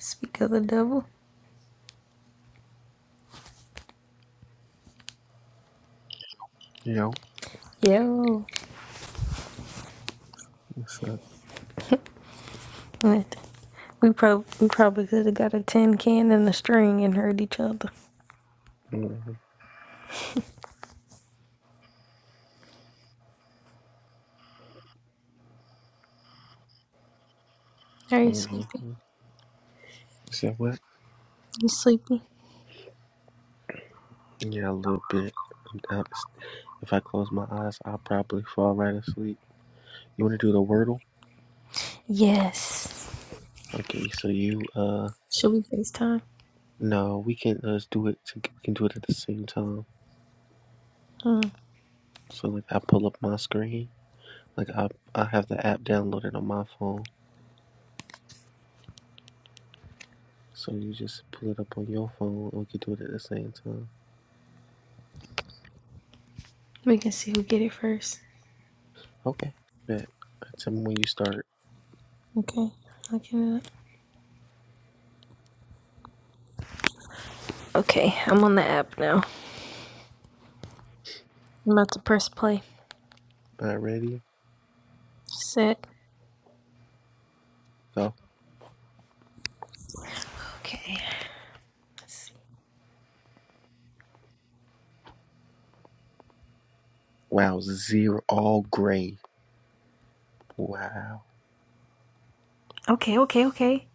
Speak of the devil. Yo, Yo. what's up? What? We, prob- we probably could have got a tin can and a string and heard each other. Mm-hmm, Are you mm-hmm. sleepy? Said what? You sleepy? Yeah, a little bit. I'm down. It's- If I close my eyes, I'll probably fall right asleep. You want to do the wordle? Yes. Okay, so you uh, Should we FaceTime? no, we can uh, just do it. To, we can do it at the same time. Hmm. So like, I pull up my screen. Like I, I have the app downloaded on my phone. So you just pull it up on your phone, and we can do it at the same time. We can see who get it first. Okay. Bet. Tell me when you start. Okay. Looking it up. Okay, I'm on the app now. I'm about to press play. All right, ready? Set. Go. Okay. Let's see. Wow, zero all gray. Wow. Okay, okay, okay.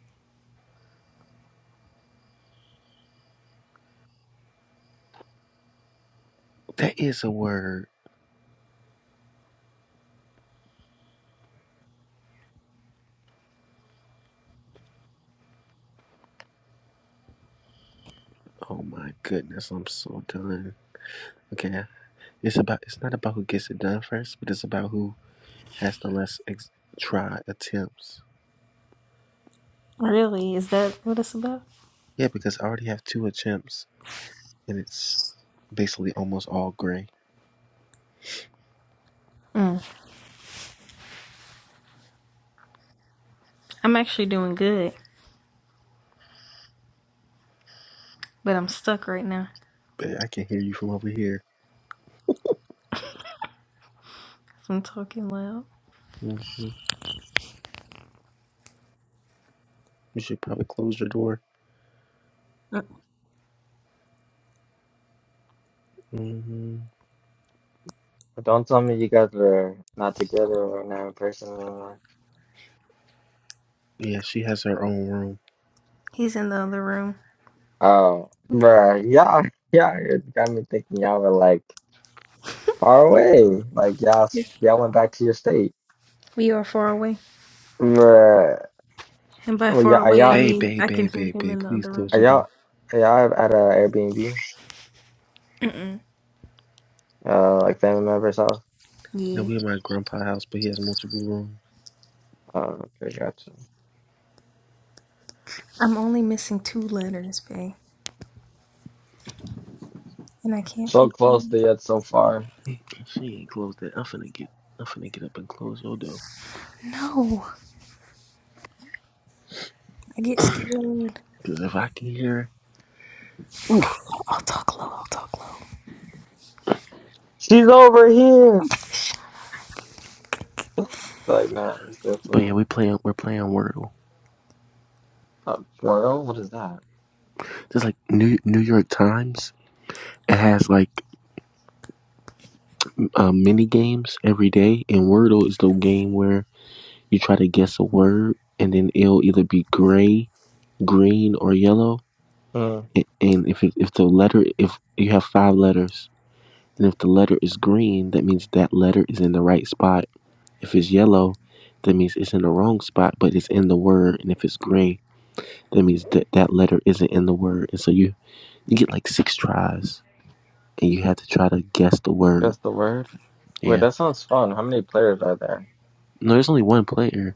That is a word. Oh my goodness, I'm so done. Okay, it's about it's not about who gets it done first, but it's about who has the less ex- try attempts. Really? Is that what it's about? Yeah, because I already have two attempts, and it's basically almost all gray. Mm. I'm actually doing good, but I'm stuck right now. But I can hear you from over here. I'm talking loud. hmm You should probably close your door. hmm But Don't tell me you guys are not together or not in person anymore. Yeah, she has her own room. He's in the other room. Oh, bruh, y'all, y'all it got me thinking y'all were like far away. Like y'all, s- y'all went back to your state. We are far away. Bruh, And by well, y'all, far are away, I y'all, Babe, mean babe, I can babe, hear babe, him babe, in the please other room. close are your door. y'all, are y'all at a Airbnb? Mm-mm. Uh, like family member's house? Now Yeah. we in my grandpa house, but he has multiple rooms. Oh, okay, gotcha. I'm only missing two letters, babe. And I can't figure So it close to yet so far. She ain't closed it. I'm finna get, I'm finna get up and close your door. out. No, I get Because scared. if I can hear, ooh. Okay, I'll talk low. I'll talk low. She's over here. It's like, no, it's But yeah, definitely we play We're playing Wordle. a twirl. What is that? Just like New New York Times. It has like uh, mini games every day, and Wordle is the game where you try to guess a word, and then it'll either be gray, green, or yellow. Hmm, A- And if it, if the letter, if you have five letters, and if the letter is green, that means that letter is in the right spot. If it's yellow, that means it's in the wrong spot, but it's in the word. And if it's gray, that means that that letter isn't in the word, and so you You get like six tries, and you had to try to guess the word. that's the word. Wait, Yeah. that sounds fun. How many players are there? No, there's only one player,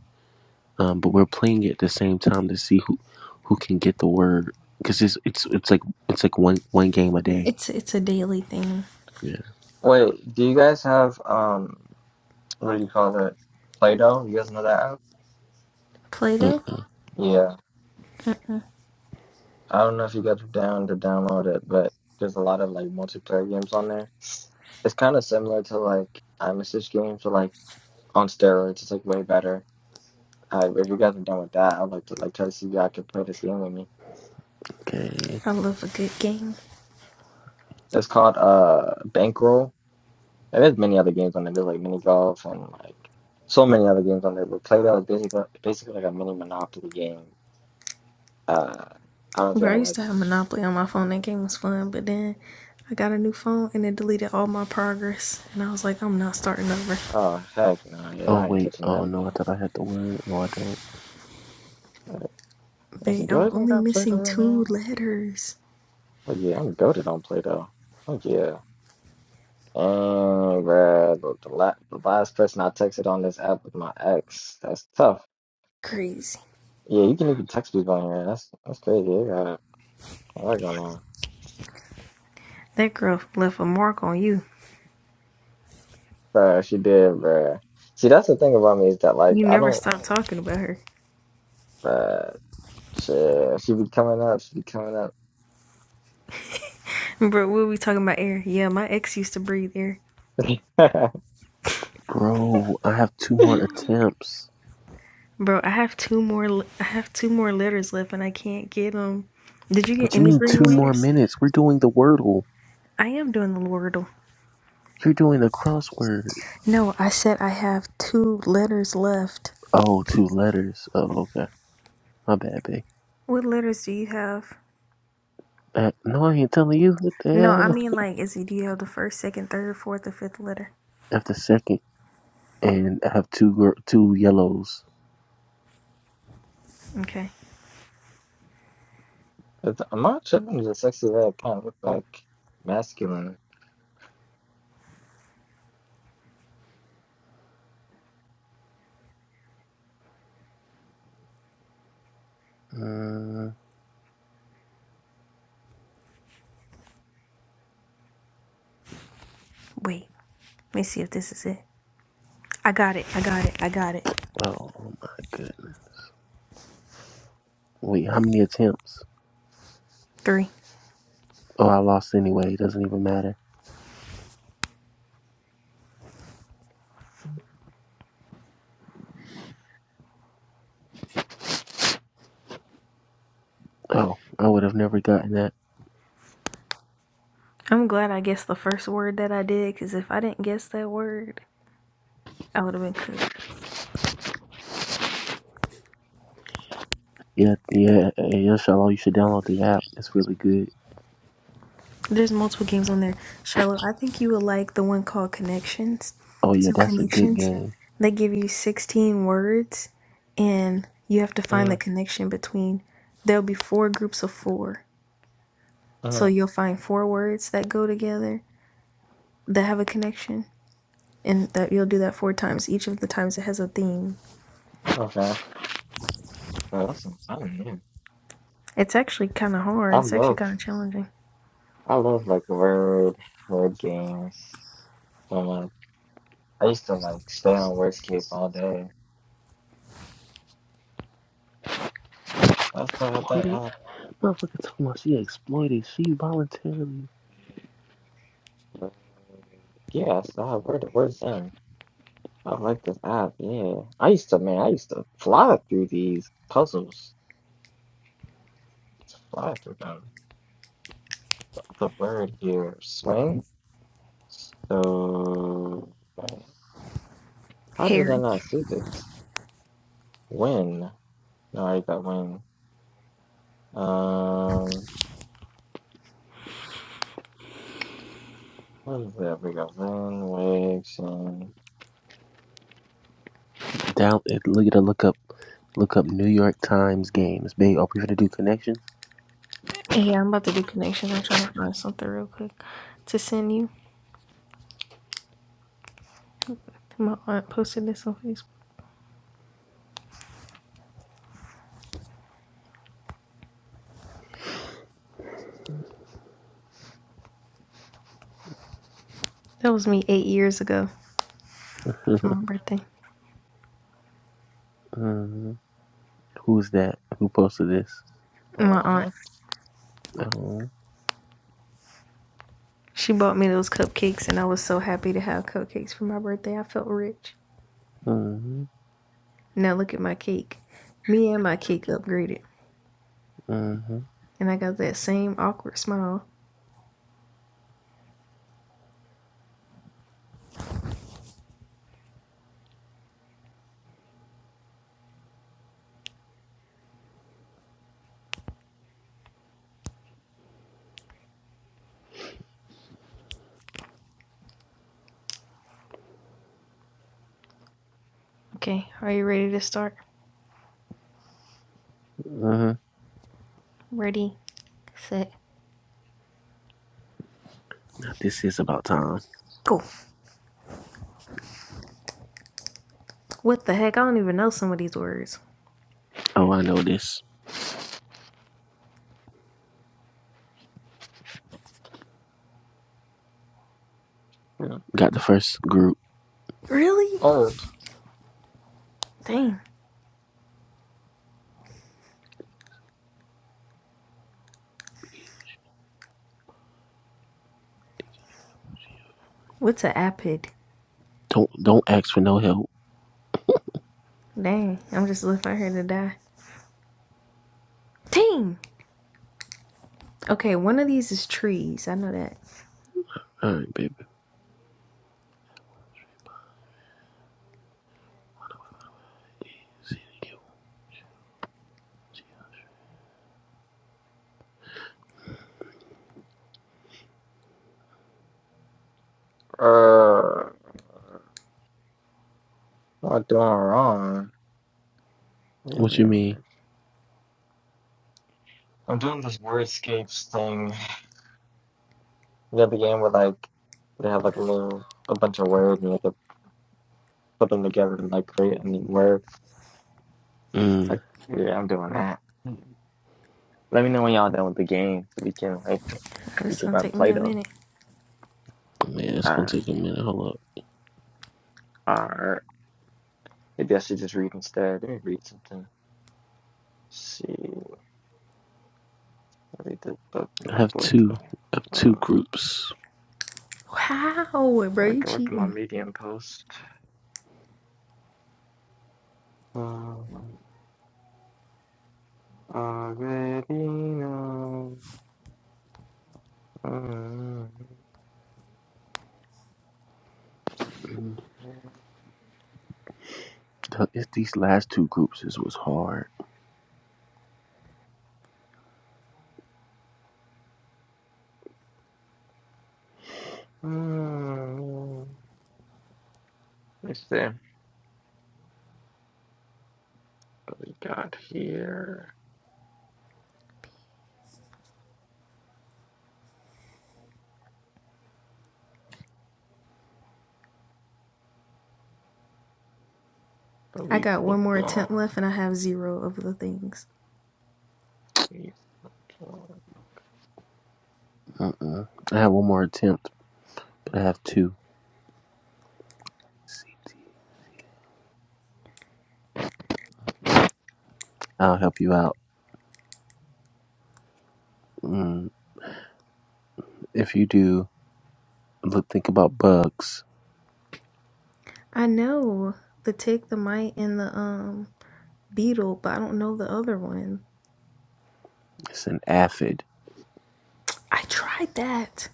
um, but we're playing at the same time to see who who can get the word because it's it's it's like it's like one one game a day. It's it's a daily thing. Yeah. Wait, do you guys have um what do you call it? Play-Doh? You guys know that app? Play Doh. Mm-mm. Yeah. I don't know if you guys are down to download it, but there's a lot of like multiplayer games on there. It's kind of similar to like iMessage games, but like on steroids. It's like way better. Uh, if you guys are done with that, I'd like to like try to see if y'all can play this game with me. Okay. I love a good game. It's called uh Bankroll. And there's many other games on there. There's like mini golf and like so many other games on there. But Play-Doh is basically basically like a mini Monopoly game. Uh, I don't know if Bro, I y'all like. used to have Monopoly on my phone. That game was fun, but then I got a new phone and it deleted all my progress. And I was like, I'm not starting over. Oh heck no, yeah, Oh I ain't wait. touching that Oh no, I again. thought I had the word. No, I don't. Uh, Actually, Babe, do I I'm even only got Play-Doh missing right two now? letters. Oh yeah, I'm goated on Play-Doh. Oh yeah. And bruh, the, the, la the last person I texted on this app was my ex. That's tough. Crazy. Yeah, you can even text people on here. That's that's crazy. I got a lot going on. That girl left a mark on you. Bruh, she did, bruh. See, that's the thing about me is that like You I never don't stopped talking about her. bruh shit. She be coming up, she be coming up. Bro, what are we talking about air? Yeah, my ex used to breathe air. Bro, I have two more attempts. Bro, I have two more I have two more letters left and I can't get them. Did you get What you any mean green two more letters? minutes? We're doing the wordle. I am doing the Wordle. You're doing the crossword. No, I said I have two letters left. Oh, two letters. Oh, okay. My bad, babe. What letters do you have? Uh, no, I ain't telling you. What the No, I hell? mean like is it do you have the first, second, third, fourth, or fifth letter? after second, and I have two gr- two yellows. Okay. It's- I'm not tripping is a sexy red kind of look like masculine. Uh, oh, Wait. Let me see if this is it. I got it. I got it. I got it. oh my goodness! Wait, how many attempts? Three. Oh, I lost anyway. It doesn't even matter. Oh, I would have never gotten that. I'm glad I guessed the first word that I did because if I didn't guess that word, I would have been cooked. Yeah, yeah, yeah, yeah, Shalom, you should download the app. It's really good. There's multiple games on there. Shiloh, I think you would like the one called Connections. Oh yeah, So, that's a good Connections, game. they give you 16 words and you have to find the Mm, connection between. There'll be four groups of four. So, mm, you'll find four words that go together that have a connection. And that you'll do that four times. Each of the times it has a theme. okay. Awesome. I don't know. It's actually kind of I hard. It's actually love kind of challenging. I love like word word games. And like I used to like stay on wordscapes all day. I still have that Exploited? app. Motherfucker talking about she exploited. She voluntarily Word- Yeah, I still have word word thing. I like this app, yeah. I used to man, I used to fly through these puzzles. Just fly through them. The word here, swing. So right, how did I Harry. not see this? When? No, I got when. Um, what is that? We got Van Wakes and down. Look at the look up, look up New York Times games. Babe, are we gonna do connections? Hey, I'm about to do connections. I'm trying to find something real quick to send you. My aunt posted this on Facebook. That was me eight years ago for my birthday. Mhm. Who's that? Who posted this? oh, My aunt, I, Oh, she bought me those cupcakes, and I was so happy to have cupcakes for my birthday. I felt rich. Mhm, Now look at my cake. Me and my cake upgraded, mhm, and I got that same awkward smile. Okay, are you ready to start? mhm. Ready, set, This is about time. go. What the heck? I don't even know some of these words. Oh, I know this. Got the first group. Really? oh, Dang. What's an apid? Don't don't ask for no help. Dang, I'm just left out here to die. Dang! Okay, one of these is trees. I know that. All right, baby. uh, not doing wrong. What you mean? I'm doing this wordscapes thing. You know, the game where like they have like a little a bunch of words and you have to put them together and like create a new word. Mm. Like, yeah, I'm doing that. Let me know when y'all done with the game so we can like This we is can gonna run take me a Play-Doh. minute. Man, it's gonna Um, take a minute. Hold up. or maybe I should just read instead. Let me read something. see, I read the book I my have board. two. I have two Uh, groups. Wow, bro, you work, work on my cheating. medium post. Um, already know. Um, Mm. It's these last two groups This was hard. um, it's there. But we got here. But I we got one look more attempt long. left and I have zero of the things. We look long. Mm-mm. I have one more attempt, but I have two. I'll help you out. Mm. If you do, look, think about bugs. I know the tick, the mite, and the um beetle, but I don't know the other one. It's an aphid. I tried that.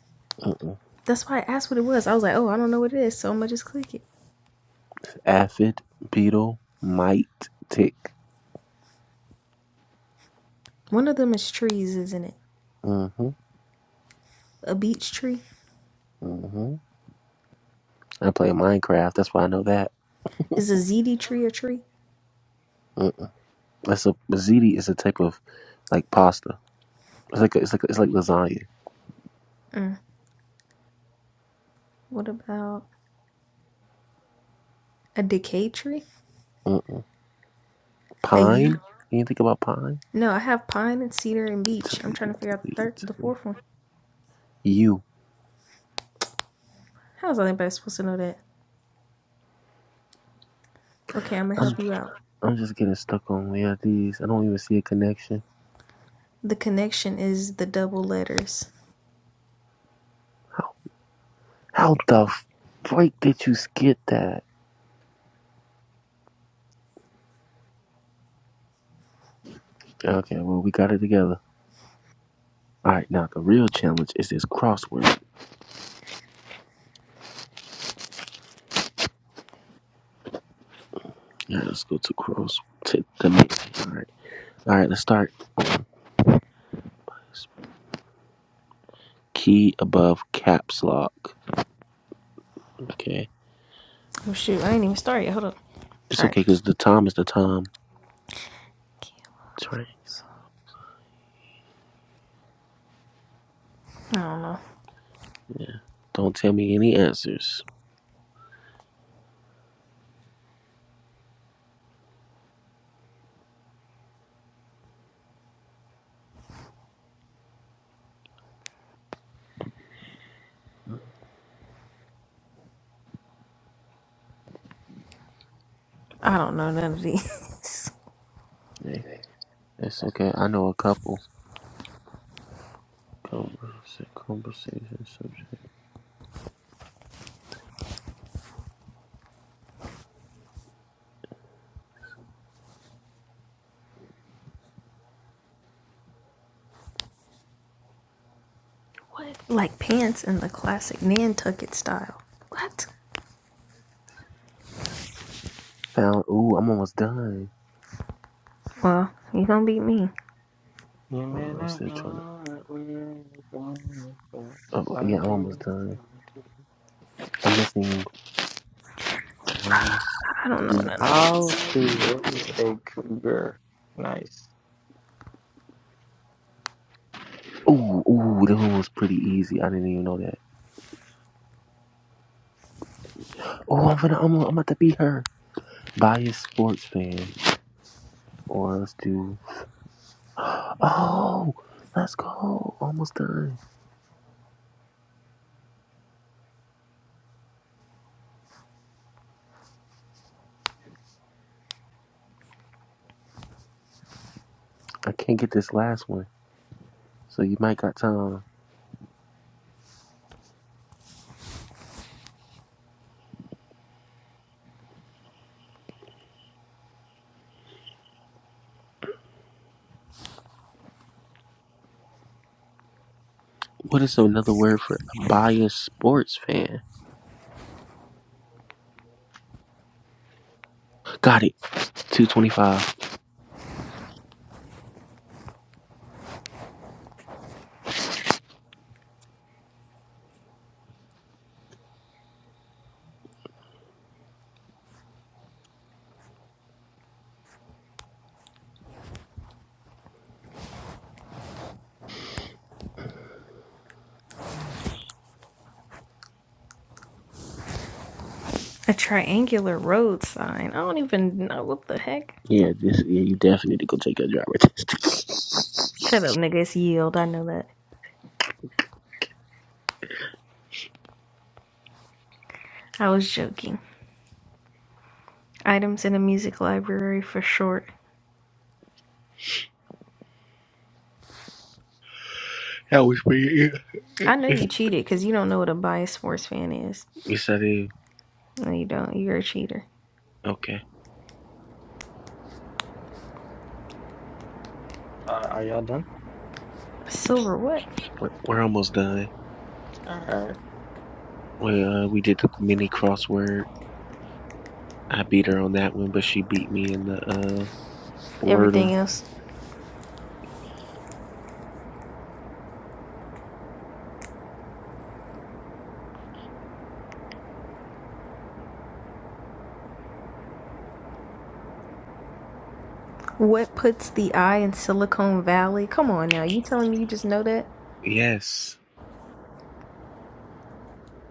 That's why I asked what it was. I was like, oh, I don't know what it is, so I'm gonna just click it. Aphid, beetle, mite, tick. One of them is trees, isn't it? Mm-hmm. A beech tree? Mm-hmm. I play Minecraft. That's why I know that. Is a ZD tree a tree? Mm. That's a mazzini is a type of like pasta. It's like a, it's like a, it's like lasagna. Mm. What about a decay tree? Mm-mm. A U? Pine. You think about pine? No, I have pine and cedar and beech. I'm Italy, trying to figure out the Italy, third, the Italy. fourth one. You. How is anybody supposed to know that? Okay, I'm gonna I'm help you out. I'm just getting stuck on where these. I don't even see a connection. The connection is the double letters. How how the freak did you skip that? Okay, well we got it together. All right, now the real challenge is this crossword. All right, let's go to cross. Take the next. All right. All right, let's start. Key above caps lock. Okay. Oh shoot, I ain't even started. yet. Hold up. It's All okay right. because the time is the time. That's right. I don't know. Yeah. Don't tell me any answers. I don't know none of these. Okay. It's okay. I know a couple. Conversation, conversation subject. what? Like pants in the classic Nantucket style. What? Found. Ooh, I'm almost done. Well, you gonna beat me. You Oh, may I'm not still trying to. know that we're going, but Oh, I yeah, I'm almost do, done. I do. I'm missing one, I don't know two. none of How these. to raise a cougar. Nice. Ooh, ooh, that one was pretty easy. I didn't even know that. Oh, I'm gonna, I'm, I'm about to beat her. Biased sports fan. Or let's do. Oh, let's go. Almost done. I can't get this last one. So you might got time. What is another word for a biased sports fan? Got it. 225. A triangular road sign. I don't even know what the heck. Yeah, this yeah, you definitely need to go take your driver test. Shut up, nigga. It's yield. I know that. I was joking. Items in a music library for short. That was for you. I know you cheated because you don't know what a biased sports fan is. You said it. No, you don't. You're a cheater. Okay. Uh, are y'all done? Silver what? We're, we're almost done. All right. We, uh, we did the mini crossword. I beat her on that one, but she beat me in the uh, Everything Wordle. else. What puts the eye in Silicon Valley? Come on now. You telling me you just know that? Yes.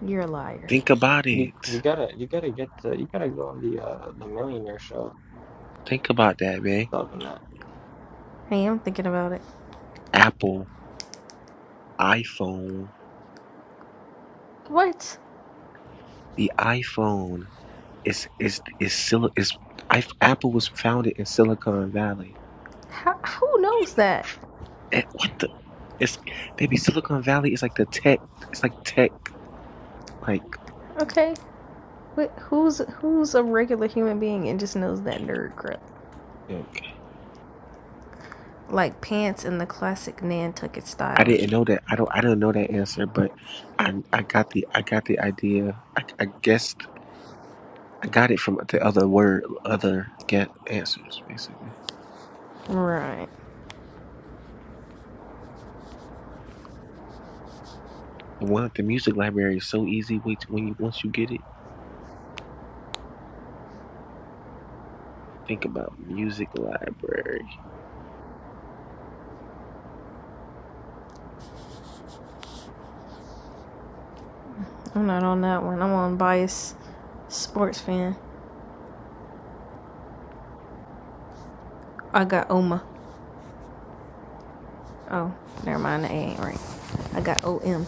You're a liar. Think about You you it. gotta you gotta get to you gotta go on the uh the millionaire show Think about that, man. solving that. Hey, I'm thinking about it. Apple iPhone. What? The iPhone is is is still is I, Apple was founded in Silicon Valley. How, who knows that? Eh, what the? It's baby Silicon Valley is like the tech. It's like tech. Like Okay. Wh- Who's who's a regular human being and just knows that nerd crap? okay. Like pants in the classic Nantucket I style. didn't know that. I don't. I don't know that answer, but I I got the I got the idea. I, I guessed. I got it from the other word, other get answers basically. Right. The one the music library is so easy. Wait when you once you get it, think about music library. I'm not on that one. I'm on bias sports fan. I got Oma. Oh, never mind. That ain't right. I got OM.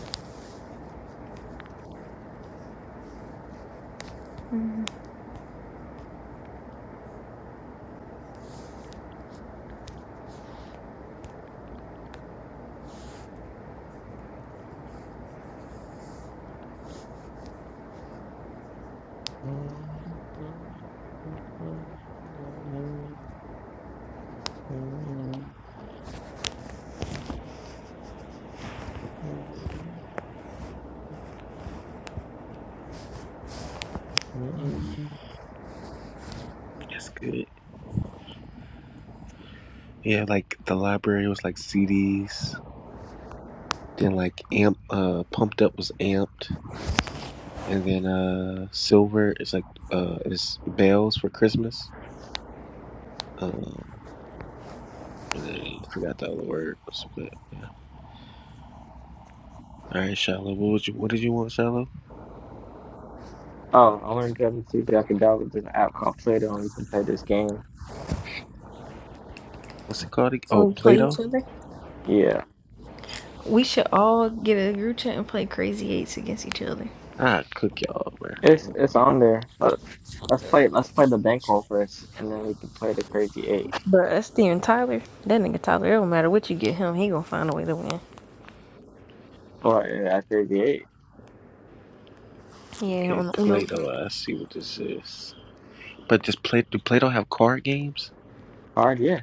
That's good. Yeah, like the library was like CDs. Then like amp, uh, pumped up was amped, and then uh, silver is like uh, is bells for Christmas. Um, and then forgot the other words, but yeah. All right, Shiloh. What would you? What did you want, Shiloh? Oh, I learned Dragon Two I can download this app called Play-Doh and you can play this game. What's it called? ag- Oh, When we play Play-Doh. each other, Yeah. we should all get a group chat and play crazy eights against each other. Ah, cook y'all, man. It's it's on there. But let's play let's play the bankroll first and then we can play the crazy eight. Bruh, that's Steven Tyler. That nigga Tyler, it don't matter what you get him, he gonna find a way to win. Or uh, at 38 Yeah, Okay, on the Uno. Play-Doh. I see what this is. But just Play do Play-Doh have card games? hard, yeah.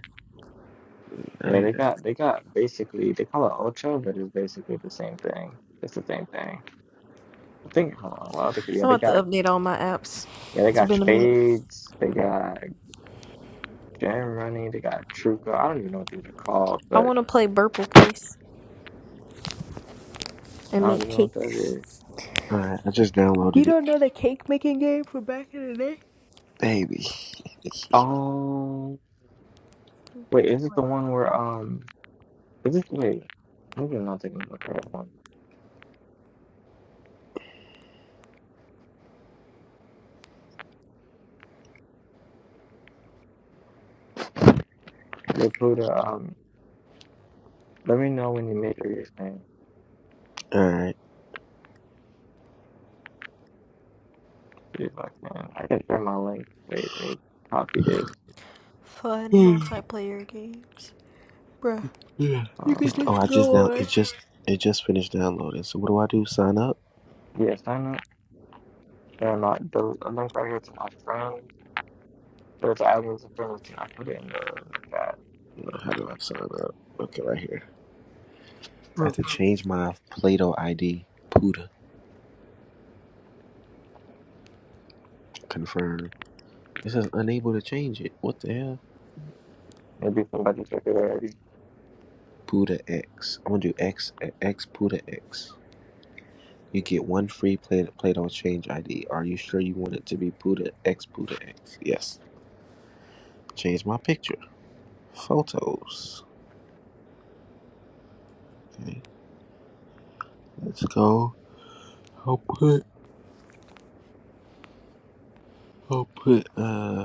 I Yeah, need they to. got they got basically they call it Ocho, but it's basically the same thing. It's the same thing. I think hold on, what other yeah, I'm they about to got update all my apps. yeah, they It's got been a minute. spades, they got gem money, they got truco. I don't even know what these are called, I but want to play Burple Place I and don't make even know what that cakes. is. All right, I just You downloaded it, don't know the cake making game from back in the day? baby. Oh wait, is it the one where um is it wait, maybe I'm not thinking of the correct one. All They put a, um let me know when you make your game. right. Dude, like, man, I can share my link. Wait, let me copy this. Fun Hmm. multiplayer games. Bruh. Yeah. You could It's, oh, just I Uh, just go now away. it just it just finished downloading. So what do I do? Sign up? yes, I know. they the a link right here to my friend. There's albums and friends and I put it in the, in the chat. So How do I sign up? Okay, right here. I Hmm. have to change my Play-Doh ID. Puda. Confirm. It says unable to change it. What the hell? maybe somebody check it already. Puda X. I'm gonna do X X Puda X. You get one free Play Play-Doh change ID. Are you sure you want it to be Puda X Puda X? Yes. Change my picture. Photos. Okay. Let's go. I'll put. I'll put. Uh.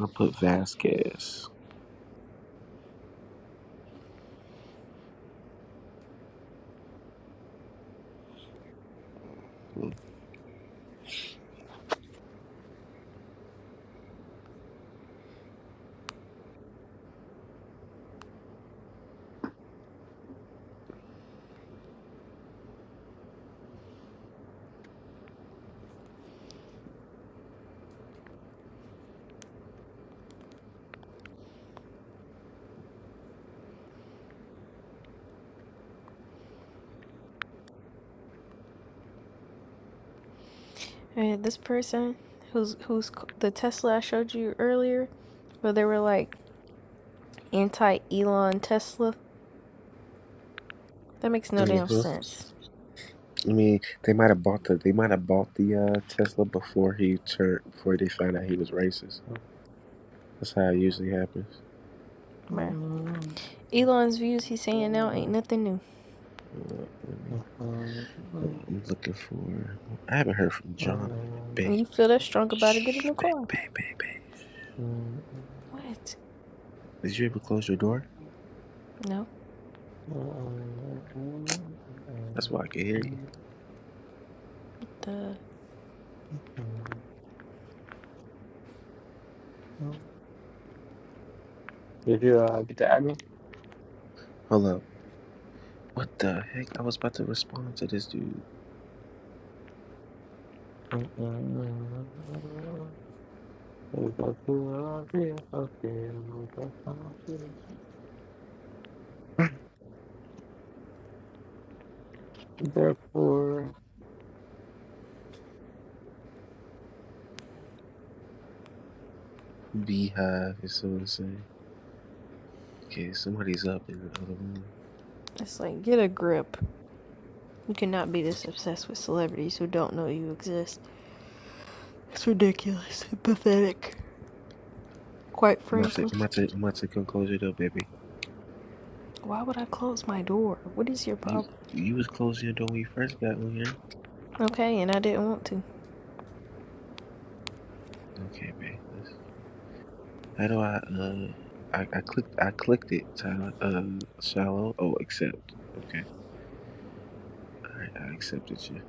I put Vasquez. hmm And this person who's who's the Tesla I showed you earlier, where they were like anti Elon Tesla. That makes no damn I sense, mean, they might have bought the they might have bought the uh, Tesla before he turned before they found out he was racist. That's how it usually happens. bruh. Elon's views he's saying now ain't nothing new. Uh, let me, hold on, I'm looking for. I haven't heard from John in a minute. Babe, And you feel that strong about it, get a shh, new babe, car. babe, babe, babe. What? Did you ever close your door? No, That's why I can hear you. duh. Did you uh, get the Hold up. What the heck? I was about to respond to this dude. album? Therefore, okay, Beehive is so insane. Okay, somebody's up in the other room. It's like get a grip. You cannot be this obsessed with celebrities who don't know you exist. It's ridiculous. and Pathetic. Quite I'm about to, frankly, I'm about to, I'm about to come close your door, baby. why would I close my door? What is your You problem? you was closing your door when you first got on here. Okay, and I didn't want to. Okay, babe. Let's- How do I uh I, I clicked I clicked it, Tyler uh shallow. Oh accept. Okay. Alright, I accepted you.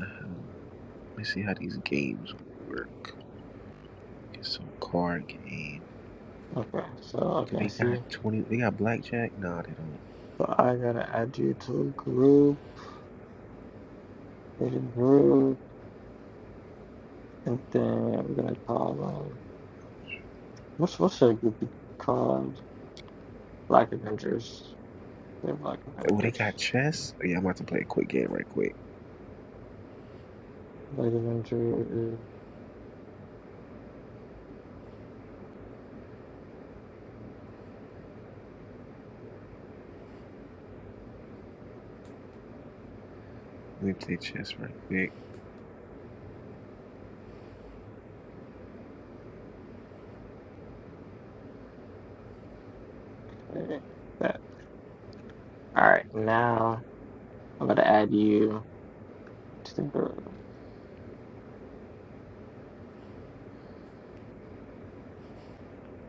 Uh, let me see how these games work. Okay, so card game. so Do okay, I they see. got twenty they got blackjack? No, they don't. So I gotta add you to a group, create a group, and then we're gonna call um, what's what's that group be called? Black Avengers. Yeah, Black Well they got Avengers. chess? Oh, yeah, I'm about to play a quick game right quick. Black Avengers. Let me play chess right quick. Okay. That. All right, now I'm gonna add you to the group.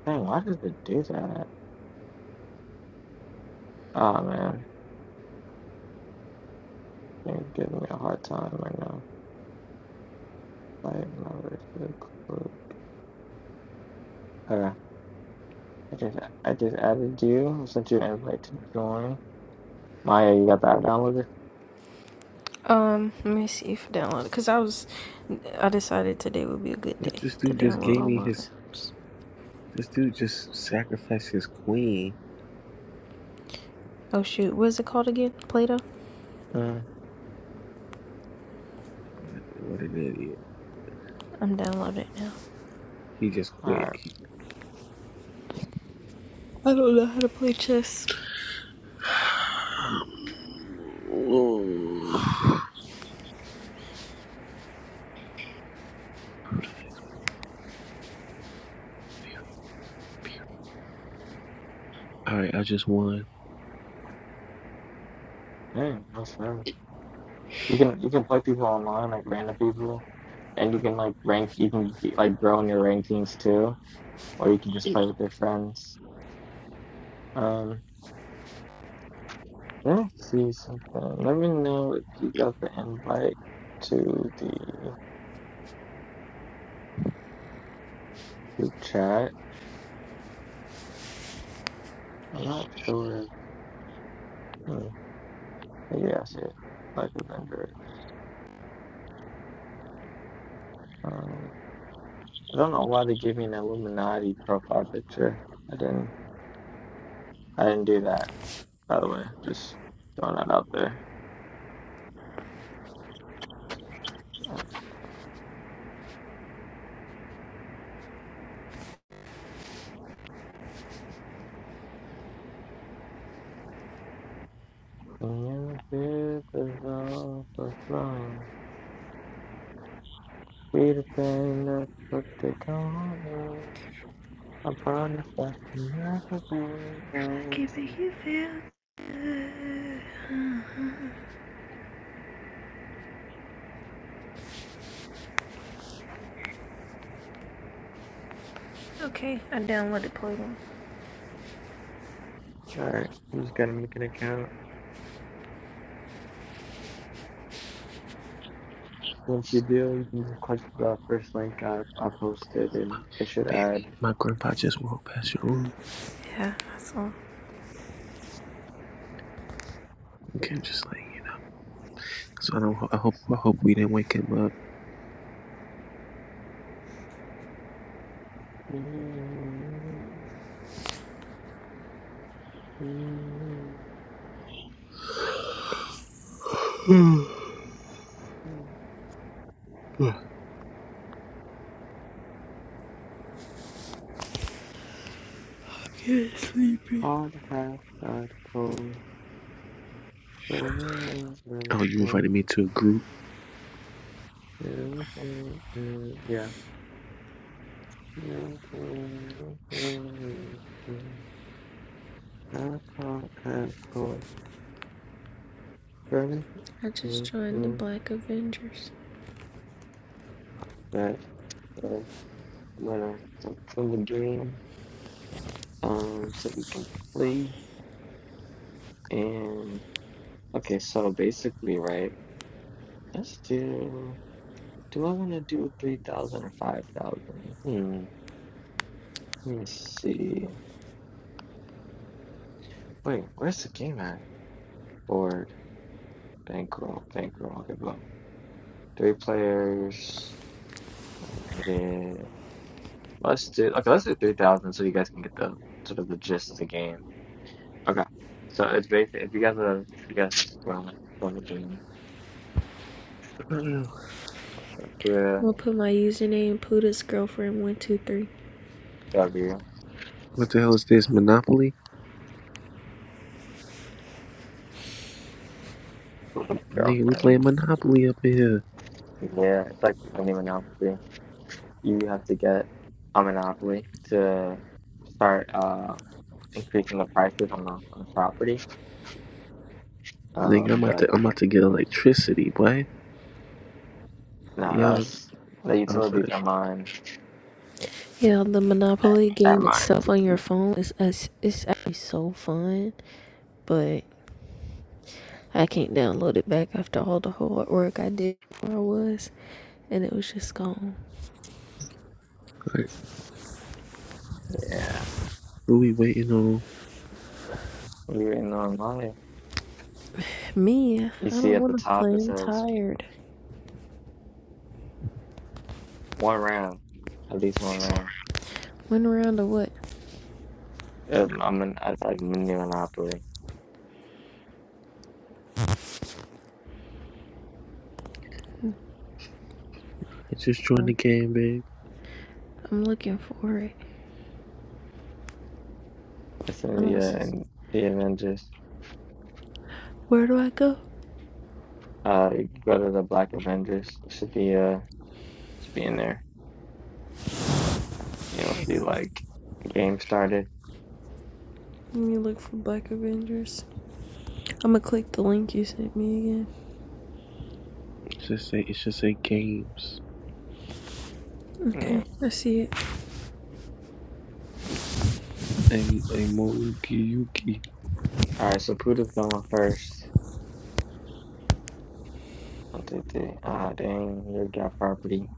Dang, why does it do that? Oh man, it's giving me a hard time right now. my members to group. Okay. I just I just added you I sent you an invite to join. Maya, you got that downloaded? Um, let me see if download because I was, I decided today would be a good Yeah, day this to dude just download gave all me my other his apps. this dude just sacrificed his queen. Oh shoot, what is it called again? Play-Doh? Mm. What an idiot. I'm downloading it now. He just quit. Alright. I don't know how to play chess. All right, I just won, Dang, that's nice. baby. You can you can play people online, like random people. And you can like rank you can get, like grow in your rankings too. Or you can just play with your friends. Um let me see something. Let me know if you got the invite to the group chat. I'm not sure. Hmm. Maybe I see it. Like Avengers. Um I don't know why they gave me an Illuminati profile picture. I didn't. I didn't do that. By the way, just throwing that out there. Uh, you did the job of flying. Peter Pan, that's what they call me. I promise I can never be I can't make lonely. it feel. Okay, I downloaded Play-Doh. Alright, I'm just gonna make an account. Once you do, you can just click the first link I, I posted and it should add. My grandpa just walked past your room. Yeah, that's all. Okay, can't just lay in. So I don't. I hope. I hope we didn't wake him up. oh, you God have had cold, the invited me to a group. Yeah. God hath cold, burning. I just joined the I Black Avengers. bet. So I'm gonna so from the game, um, so we can play. And okay, so basically, right? Let's do. Do I want to do three thousand or five thousand? Hmm. Let me see. Wait, where's the game at? Board, bankroll, bankroll. I'll give them three players. Limited. Let's do okay. Let's do three thousand so you guys can get the sort of the gist of the game. Okay. So it's basically if you guys are if you guys are from the game, I'm where gonna put my username Poota's girlfriend one two three. W What the hell is this? Monopoly? Nigga, we playing girlfriend. Monopoly up in here. Yeah, it's like any monopoly. You have to get a monopoly to start uh increasing the prices on the on the property. Nigga, Um, I'm about to. but I'm about to get electricity, boy. not Y'all us. The off of utilities are this. mine. Yeah, the Monopoly game itself on your Romantically. phone is is it's actually so fun, but I can't download it back after all the hard work I did where I was, and it was just gone. Yeah. Who we waiting on? We waiting on Maya. Me, You I see don't at want the to top play. it I'm says tired. one round. At least one round. Went around to what? Um, I'm in I like mini Monopoly. It's Just join the Um, game, babe. I'm looking for it. It's I in don't the uh, in the Avengers. Where do I go? Uh you go to the Black Avengers. It should be uh should be in there. You'll see like the game started. Let me look for Black Avengers. I'm gonna click the link you sent me again. It should say it should say games. Okay, Yeah. I see it. And a Mongi Yuki. Alright, so Poota's going first. One, two, three. Ah dang, you got property.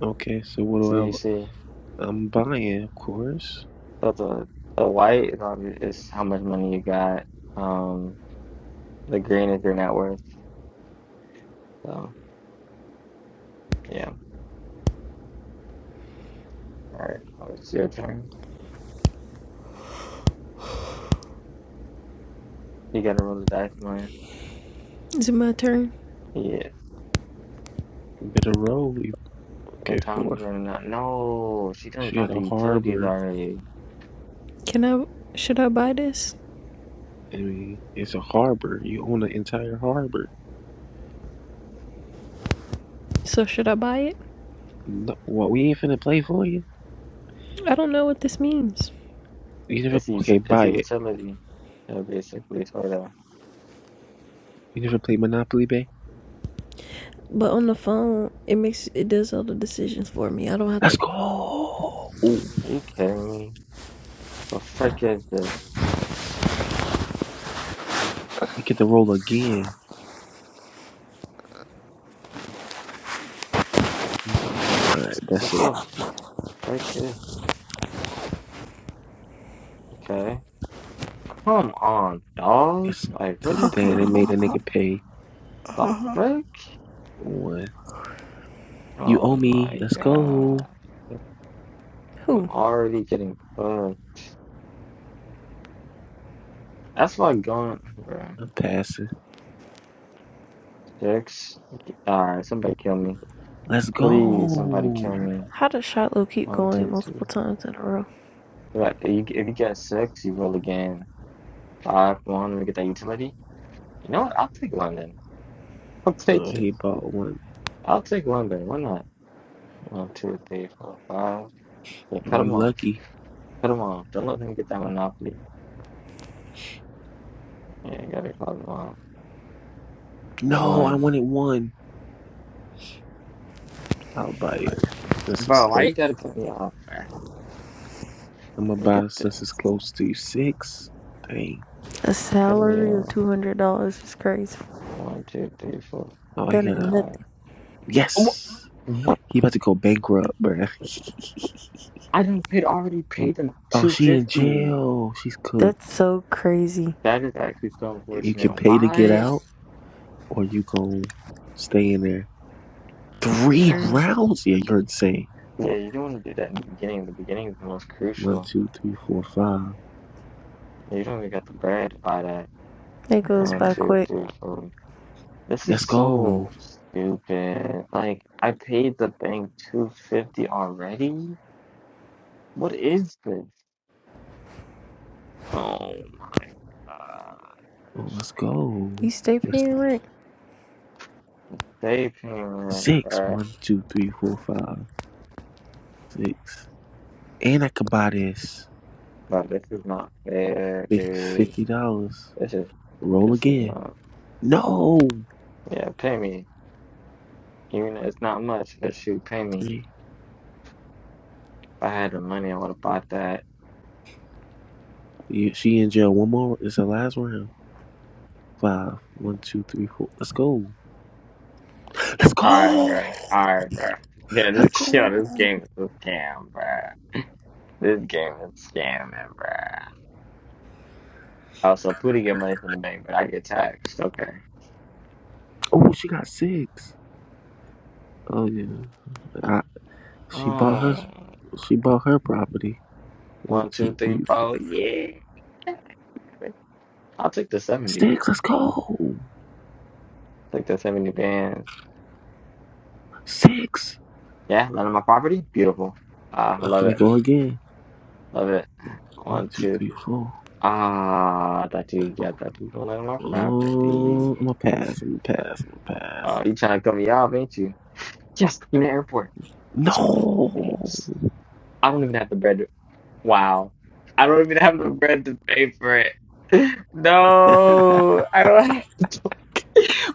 Okay, so what So you do see I? I'm buying, of course. so the the white is obvi- is how much money you got. Um The green is your net worth. So yeah. All right. Oh, it's your turn. You gotta roll the dice, man. Is it my turn? Yeah. Better roll. you- The Okay, time four. is running out. No, she done She had got a the utilities harbor. already. Can I? Should I buy this? I mean, it's a harbor. You own the entire harbor. So should I buy it? No, what we ain't finna play for you? I don't know what this means. You never. It's a, Okay, ut- it's buy a it. utility. So basically, sort of. You never played Monopoly Bay. But on the phone, it makes it does all the decisions for me. I don't have to. Let's go. Ooh, Are you kidding me? The frick is this? we get the roll again. All right, What that's it. the frick is this? Okay. Come on, dog. It's, Like, what is damn, they made a this? nigga pay. The frick? one. You owe Oh me. my Let's go. god. I'm Who? already getting cooked. That's like going, bro. I'm passing. Six. All right, somebody kill me. Let's Please, somebody go. kill me. How does Shiloh keep One, going two, two. multiple times in a row? Right, you- If you get six, you roll again. Five, one, Let me get that utility. You know what? I'll take London. I'll Oh, take it. he bought one. I'll take London. Why not? One, two, three, four, five. Yeah, Well, cut you him off. lucky. Cut him off. Don't let him get that monopoly. Yeah, you gotta cut him off. No, I One. wanted one. I'll buy it since it's Bro, why you close. gotta cut me off, man? I'm gonna Let me get buy that. since it's close to six. Dang. A Cut me salary of off. two hundred dollars is crazy. One, two, three, four, Oh, he That ain't gotta. five. nothing. Oh, Yes. wh- He about to go bankrupt, bruh. I don't paid already paid them oh, two she in fifty. jail. She's That's cooked. so crazy. That is actually so You can unfortunate. pay to get Why? out, or you gon' stay in there. Three Why? rounds? Yeah, you're insane. Yeah, you don't want to do that in the beginning. The beginning is the most One, crucial. two, three, four, five. And You don't even got the bread to buy that. It goes One, by two, quick. three, four. This is Let's so go. stupid. Like I paid the bank two fifty already. What is this? Oh my god. Oh, let's go. You stay Let's paying rent. They payment, six. bruh. One, two, three, four, five, six. And I can buy this But this is not fair, fi- dude. fifty dollars. This is Roll this is again. not. No. Yeah, pay me. Even if it's not much, but shoot, pay me. Three. If I had the money, I would have bought that. Yeah, She in jail. One more. It's the last round. Five. One, two, three, four. Let's go. Let's Alright, go. bro. Alright, bro. Yeah, Let's this, yo, go. this game is a scam, bro. This game is scamming, bruh. Also, Pooty get money from the bank, but I get taxed. Okay. Oh, she got six. Oh yeah. I, she bought her. Oh, She bought her property. One, one, two, two, three, three, four. four. Yeah. I'll take the 70. Six. Let's go. Take the 70 bands. Six. Yeah, none of my property. Beautiful. Ah, I I'm love gonna it. go again. Love it. One, One, two, two, three, four. Ah, that thought you, yeah, that thought you were gonna my Oh, I'm property. gonna pass. I'm gonna pass. I'm gonna pass. Oh, you trying to cut me off, ain't you? Yes, in the airport. No, Nice. I don't even have the bread. to- Wow. I don't even have the bread to pay for it. No, I don't have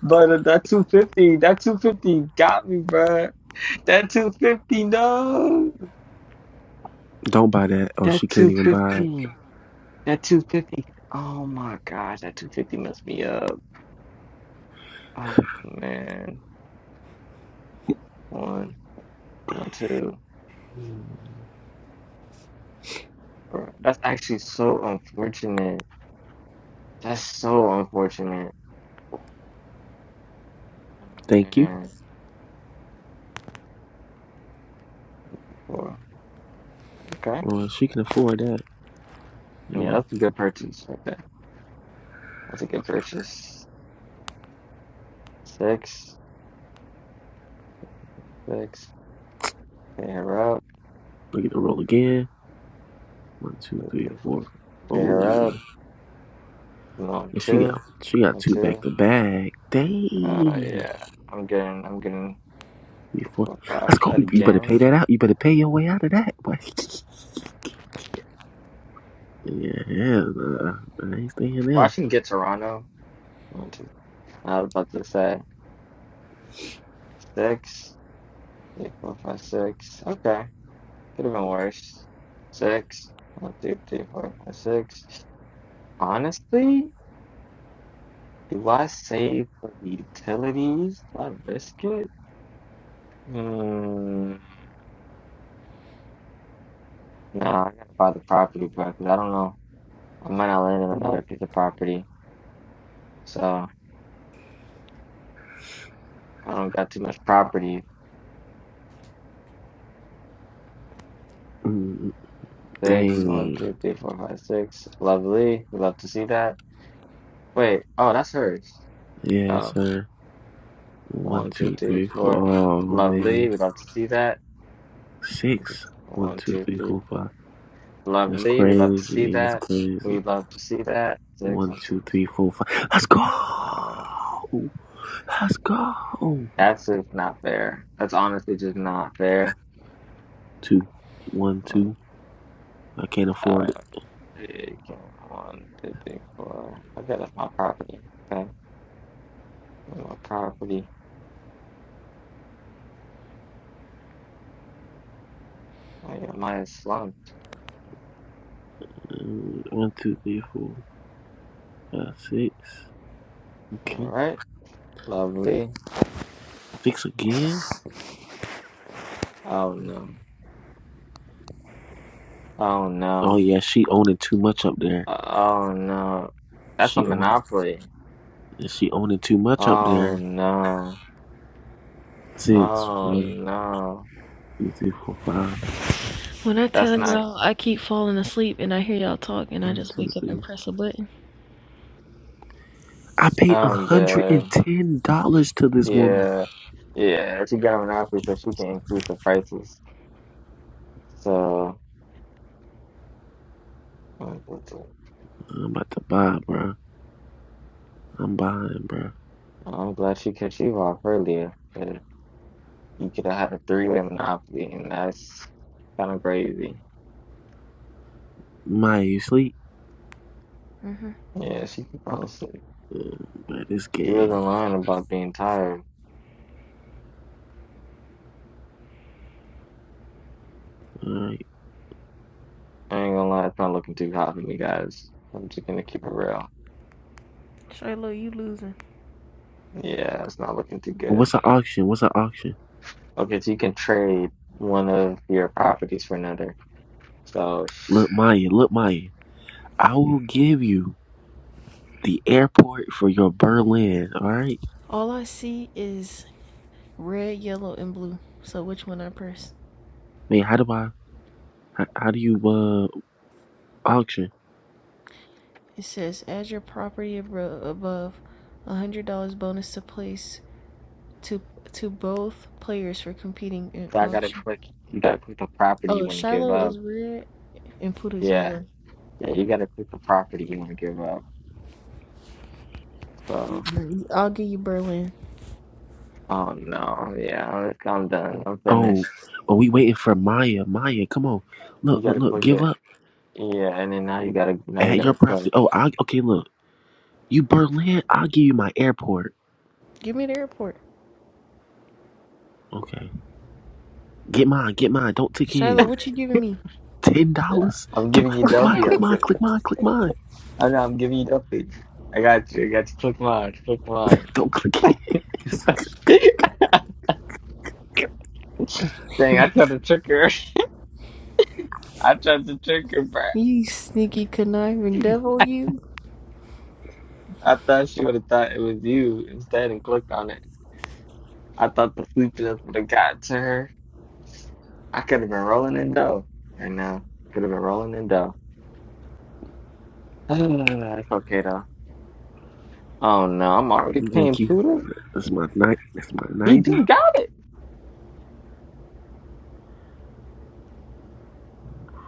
But that 250, that 250 got me, bruh. That 250, no. don't buy that. Oh, she That can't even buy it. 250, that 250. Oh my gosh, that 250 messed me up. Oh man. One. Not too. Bro, that's actually so unfortunate. That's so unfortunate. Oh Thank you. man. Bro. Okay. Well, she can afford that. Yeah, Yeah. that's a good purchase right there. That's a good purchase. Six, six. Pay her up. Look at to roll again. One, two, Two, three, three, four. four. Pay Oh, her up. One, and she got two. she got One, two back two. to back. Uh, Dang. yeah. I'm getting. I'm getting Three, four. four, five Let's go. You better pay again. that out. You better pay your way out of that. Boy. yeah, yeah. nah, I ain't staying Well, I there. can get Toronto. One, two. I was about to say six. Yeah, four, five, six. Okay. Could have been worse. Six. One, two, three, four, five, six. Honestly, do I save for the utilities? Do I risk it? Mm, no, I gotta buy the property, bro, 'cause I don't know. I might not land on another piece of property. So I don't got too much property. Mm, Six, one, dang. two, three, four, five, six. Lovely. We love to see that. Wait, oh, that's hers. Yeah, Um, sir. One, one, two, two, three, three, four. four. Oh man, Lovely. We love to see that. One, two, three. six. One, two, three, four, five. That's Lovely. We'd love to see crazy. That's that. crazy. We'd love to see that. Six, One, one, two, two. three, four, five. Let's Um, go. Let's go. that's just not fair. That's honestly just not fair. Two. One, Like, two. I can't afford Uh, it. it came one, two, three, four. Okay, that's my property. Okay, that's my property. I got mine slumped. Mm, One, two, three, four, five, six. All Okay, right, lovely. six again. Oh no. Oh Oh no. yeah, she owning too much up there. Oh no. That's a She owning. monopoly. She owning too much up Oh there. no. Six. Oh One, no. two, three, four, five. When I That's tell not. y'all I keep falling asleep and I hear y'all talk and I One, just two, wake up three. and press a button. I paid one I'm hundred dead. and ten dollars to this woman. Yeah, yeah. She got an offer so she can increase the prices. So mm, it's- I'm about to buy, bro. I'm buying, bro. uh, I'm glad she cut you off earlier. 'cause You could have had a three way monopoly, and that's kind of crazy. Maya, you sleep? hmm Yeah, she could probably sleep. Uh, Bro, this She game. wasn't lying about being tired. All right. I ain't gonna lie, it's not looking too hot for me, guys. I'm just gonna keep it real. Shiloh, you losing. Yeah, it's not looking too good. What's an auction? What's an auction? Okay, so you can trade one of your properties for another. So. Look, Maya. Look, Maya. I will give you the airport for your Berlin. All right. All I see is red, yellow, and blue. So which one I press? Man, how do I? How, how do you uh auction? It says add your property abro- above. $100 bonus to place to to both players for competing in So I gotta auction. click. You gotta click the property you Oh, want to give Shiloh up. is red and Puda's Yeah, yellow. yeah. You gotta click the property you want to give up. So, I'll give you Berlin. oh no, yeah. I'm I'm done. I'm Oh, finished. oh, we waiting for Maya. Maya, come on. You Look, look, gotta look. click Give it. up Yeah, and then now you gotta now you at your gotta property. click. Oh, I okay. Look, you Berlin. I'll give you my airport. Give me the airport. Okay. Get mine, get mine. Don't click Shiloh, in. what you giving me? Ten Yeah, dollars? I'm Come giving on, you click mine, Duffy. click I'm mine, give. click mine, click mine. I know I'm giving you Duffy. I got you. I got you. Click mine. Click mine. Don't click his. Dang, I tried to trick her. I tried to trick her, bruh. You sneaky conniving devil, you. I thought she would have thought it was you instead and clicked on it. I thought the sleepiness would have got to her. I could have been rolling in dough right now. Could have been rolling in dough. That's okay though. Oh no, I'm already paying Thank you. Puda. That's my night. That's my He ninety just got it.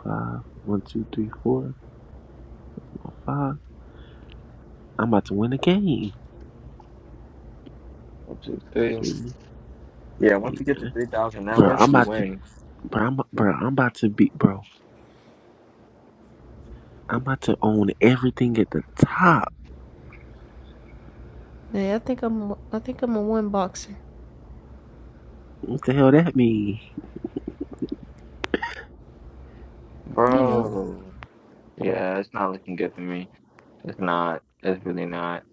five. One, two, three, four, or five. I'm about to win a game. One, two, three. Three, Yeah, once three, he gets to man. three thousand net Bro, worth, I'm he about to. wins. Bro, I'm, bro, I'm about to be. Bro, I'm about to own everything at the top. Hey, I think I'm I think I'm a one boxer. What the hell that mean? You Yeah. know. Bro. Yeah, it's not looking good for me. It's not. It's really not.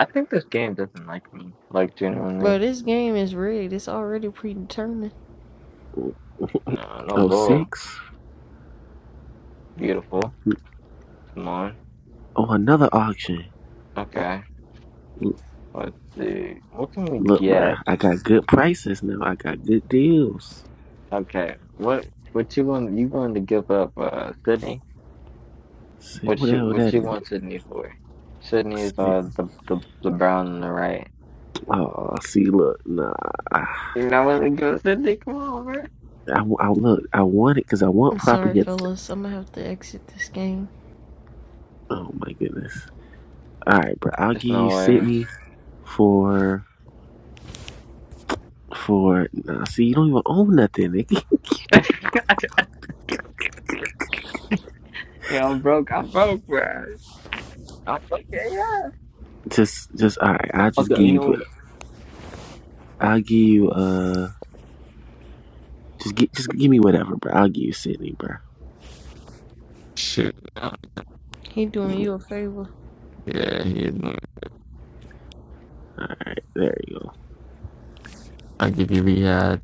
I think this game doesn't like me. Like Bro, genuinely. this game is rigged. It's already predetermined. No, no Oh bull. six. Beautiful. Come on. Oh, another auction. Okay. Let's see. What can we Look, get? bruh, I got good prices now. I got good deals. Okay. What what you want you going to give up uh Sydney? See, What you whatever what that you is. want Sydney for? Sydney is See, uh the the, the brown on the right. oh, see, look, nah. I, You know what to go Sydney, come on, bro. I look. I want it because I want I'm sorry, property. at- fellas. I'm gonna have to exit this game. Oh my goodness. All right, bro. I'll There's give you no ways. Sydney for for. Nah, see, you don't even own nothing, nigga. you know, I'm broke, I'm broke, bro. I'm fucking yeah. Just, just all right. I'll just Okay, you give you. know I'll give you. Uh, just get, just give me whatever, bro. I'll give you Sydney, bro. Shoot. uh, He All doing you a favor. Yeah, yeah, right, there you go. I give you Riyadh.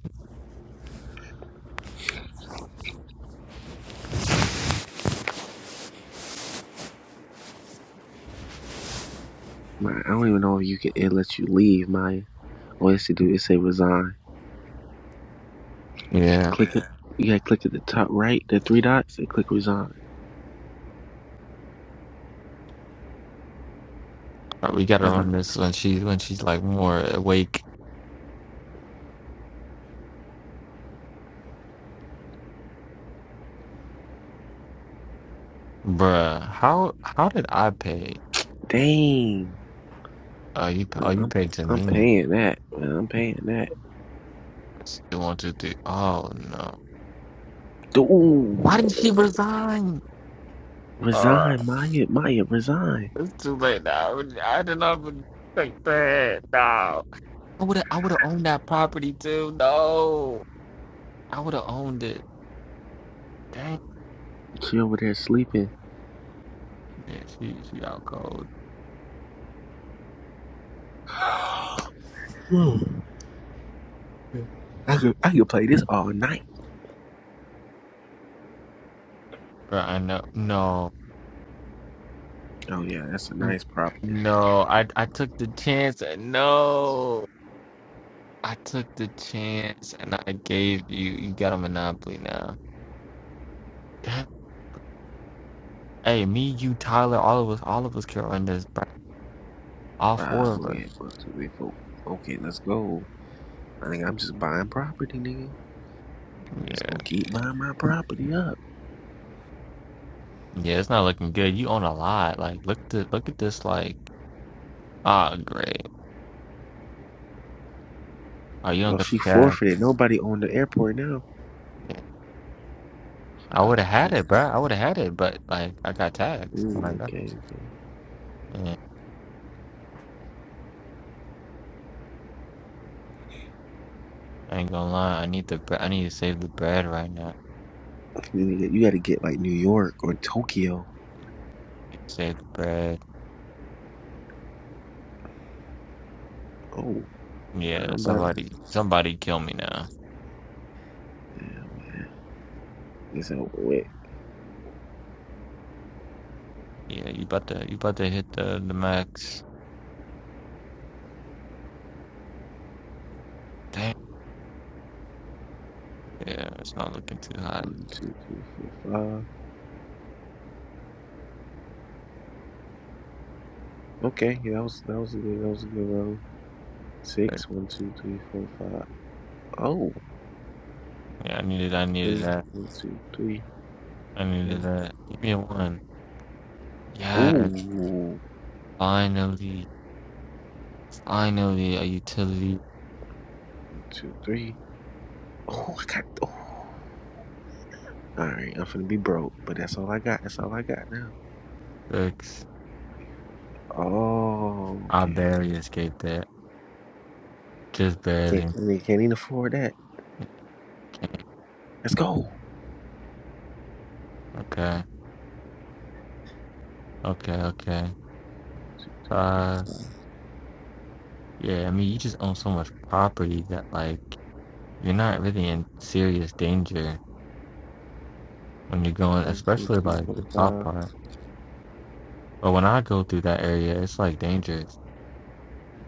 My, I don't even know if you can. It lets you leave, Maya. All you have to do is say resign. Yeah. Click it. You gotta click at the top right, the three dots, and click resign. Uh, We got her I know. on this when she's when she's like more awake. Bruh, how how did I pay? Dang, Are you are you I'm paid to I'm me? paying that. Man, I'm paying that. She wanted to. Oh no! Why didn't she Dude, resign? Uh, resign, Maya. Maya, resign. it's too late now. I did not expect that. No, I would have. I would have owned that property too. No, I would have owned it. Dang She over there sleeping. it! She she out cold. Whew. I could I could play this all night. Bruh, I know. No, Oh yeah, that's a N- nice property. no. I I took the chance. and No, I took the chance, and I gave you. You got a monopoly now. Damn. Hey, me, you, Tyler, all of us, all of us, Carol, in this. All four Five, of where we us. at? One, two, three, four. Okay, let's go. I think I'm just buying property, nigga. I'm just Yeah, gonna keep buying my property up. yeah. it's not looking good. You own a lot. Like, look at this. Look at this. Like, ah, great. Oh, you don't Well, get she the cash. forfeited. Nobody owned the airport now. Yeah. I would Wow. have had it, bro. I would have had it, but like, I got taxed when I Ooh, got it. okay. okay. Yeah, I ain't gonna lie. I need the. bre- I need to save the bread right now. I You, gotta- you got to get like New York or Tokyo. need to save the bread. Oh, I'm Yeah, about to. somebody, somebody kill me now. Yeah. Is that wait? Yeah, you about to, you about to hit the the max. Damn. Yeah, it's not looking too hot. One, two, three, four, five. Okay, yeah, that was that was a good that was a good roll. But Six, one, two, three, four, five. Oh, yeah, I needed. I needed three, that. one, two, three. I needed Okay. that. Give me a one. Oh, Yeah. one, Finally, finally, a utility two, three. Oh, I got. Oh. All right, I'm finna be broke, but that's all I got. That's all I got now. works. Oh, I okay. barely escaped that. Just Can't barely. I mean can't even afford that. Let's go. Okay, okay, okay. One, Two, three, four, Uh, five. yeah, I mean, you just own so much property that, like, you're not really in serious danger when you're going, One, two, especially three, like four, the top five. part. But when I go through that area, it's like dangerous.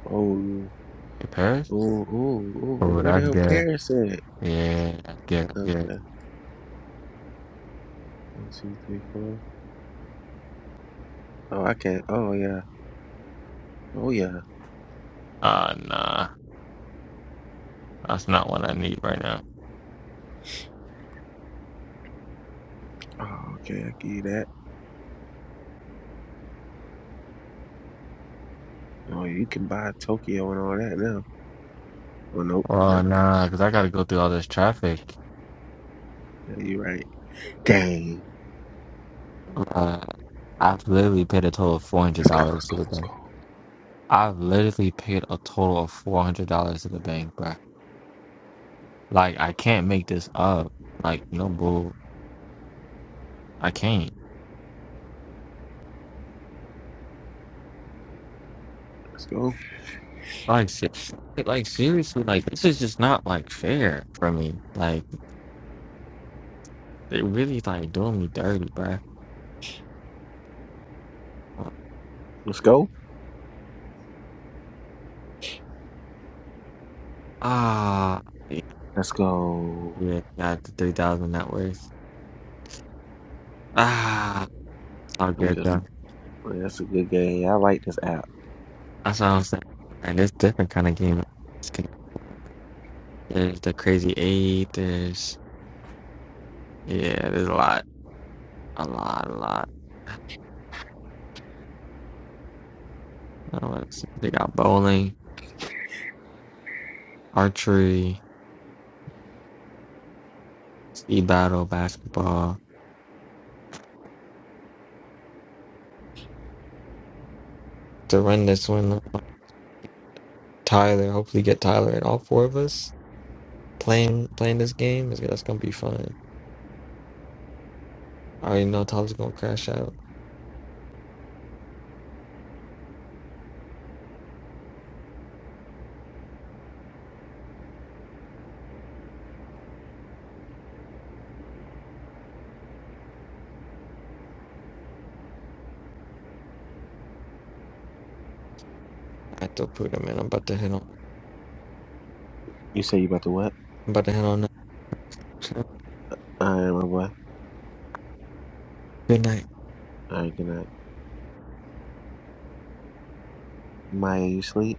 Oh, To Paris? oh, oh, oh. Oh, Where the that's hell good. Paris at? Yeah, that's good. that's good. Okay. One, two, three, four. Oh, I can't. Oh yeah. Oh yeah. Uh, nah, that's not what I need right now. Oh, okay. I give you that. Oh, you can buy Tokyo and all that now. Oh nope. No, Oh, no. nah, because I gotta go through all this traffic. Yeah, you're right. Dang. Uh, I've literally paid a total of four hundred Let's go. dollars Let's to go. the Let's bank. go. I've literally paid a total of four hundred dollars to the bank, bro. Like I can't make this up. Like no bull, I can't. Let's go. Like se- like seriously, like this is just not like fair for me. Like they really like doing me dirty, bro. Let's go. Ah, yeah, Let's go. yeah, got the three thousand net worth. Ah, it's all I'm good just. though. That's a good game. I like this app. That's what I'm saying. And it's different kind of game. There's the crazy eight. There's yeah. There's a lot, a lot, a lot. I don't want to else? They got bowling, archery, speed battle, basketball. To run this one, Tyler. Hopefully, get Tyler and all four of us playing playing this game. Is that's gonna be fun. I already know Tyler's gonna crash out. I have to put him in. I'm about to hit on. You say you about to what? I'm about to hit on. that. I am. about Good night. All right, good night. Maya, you sleep?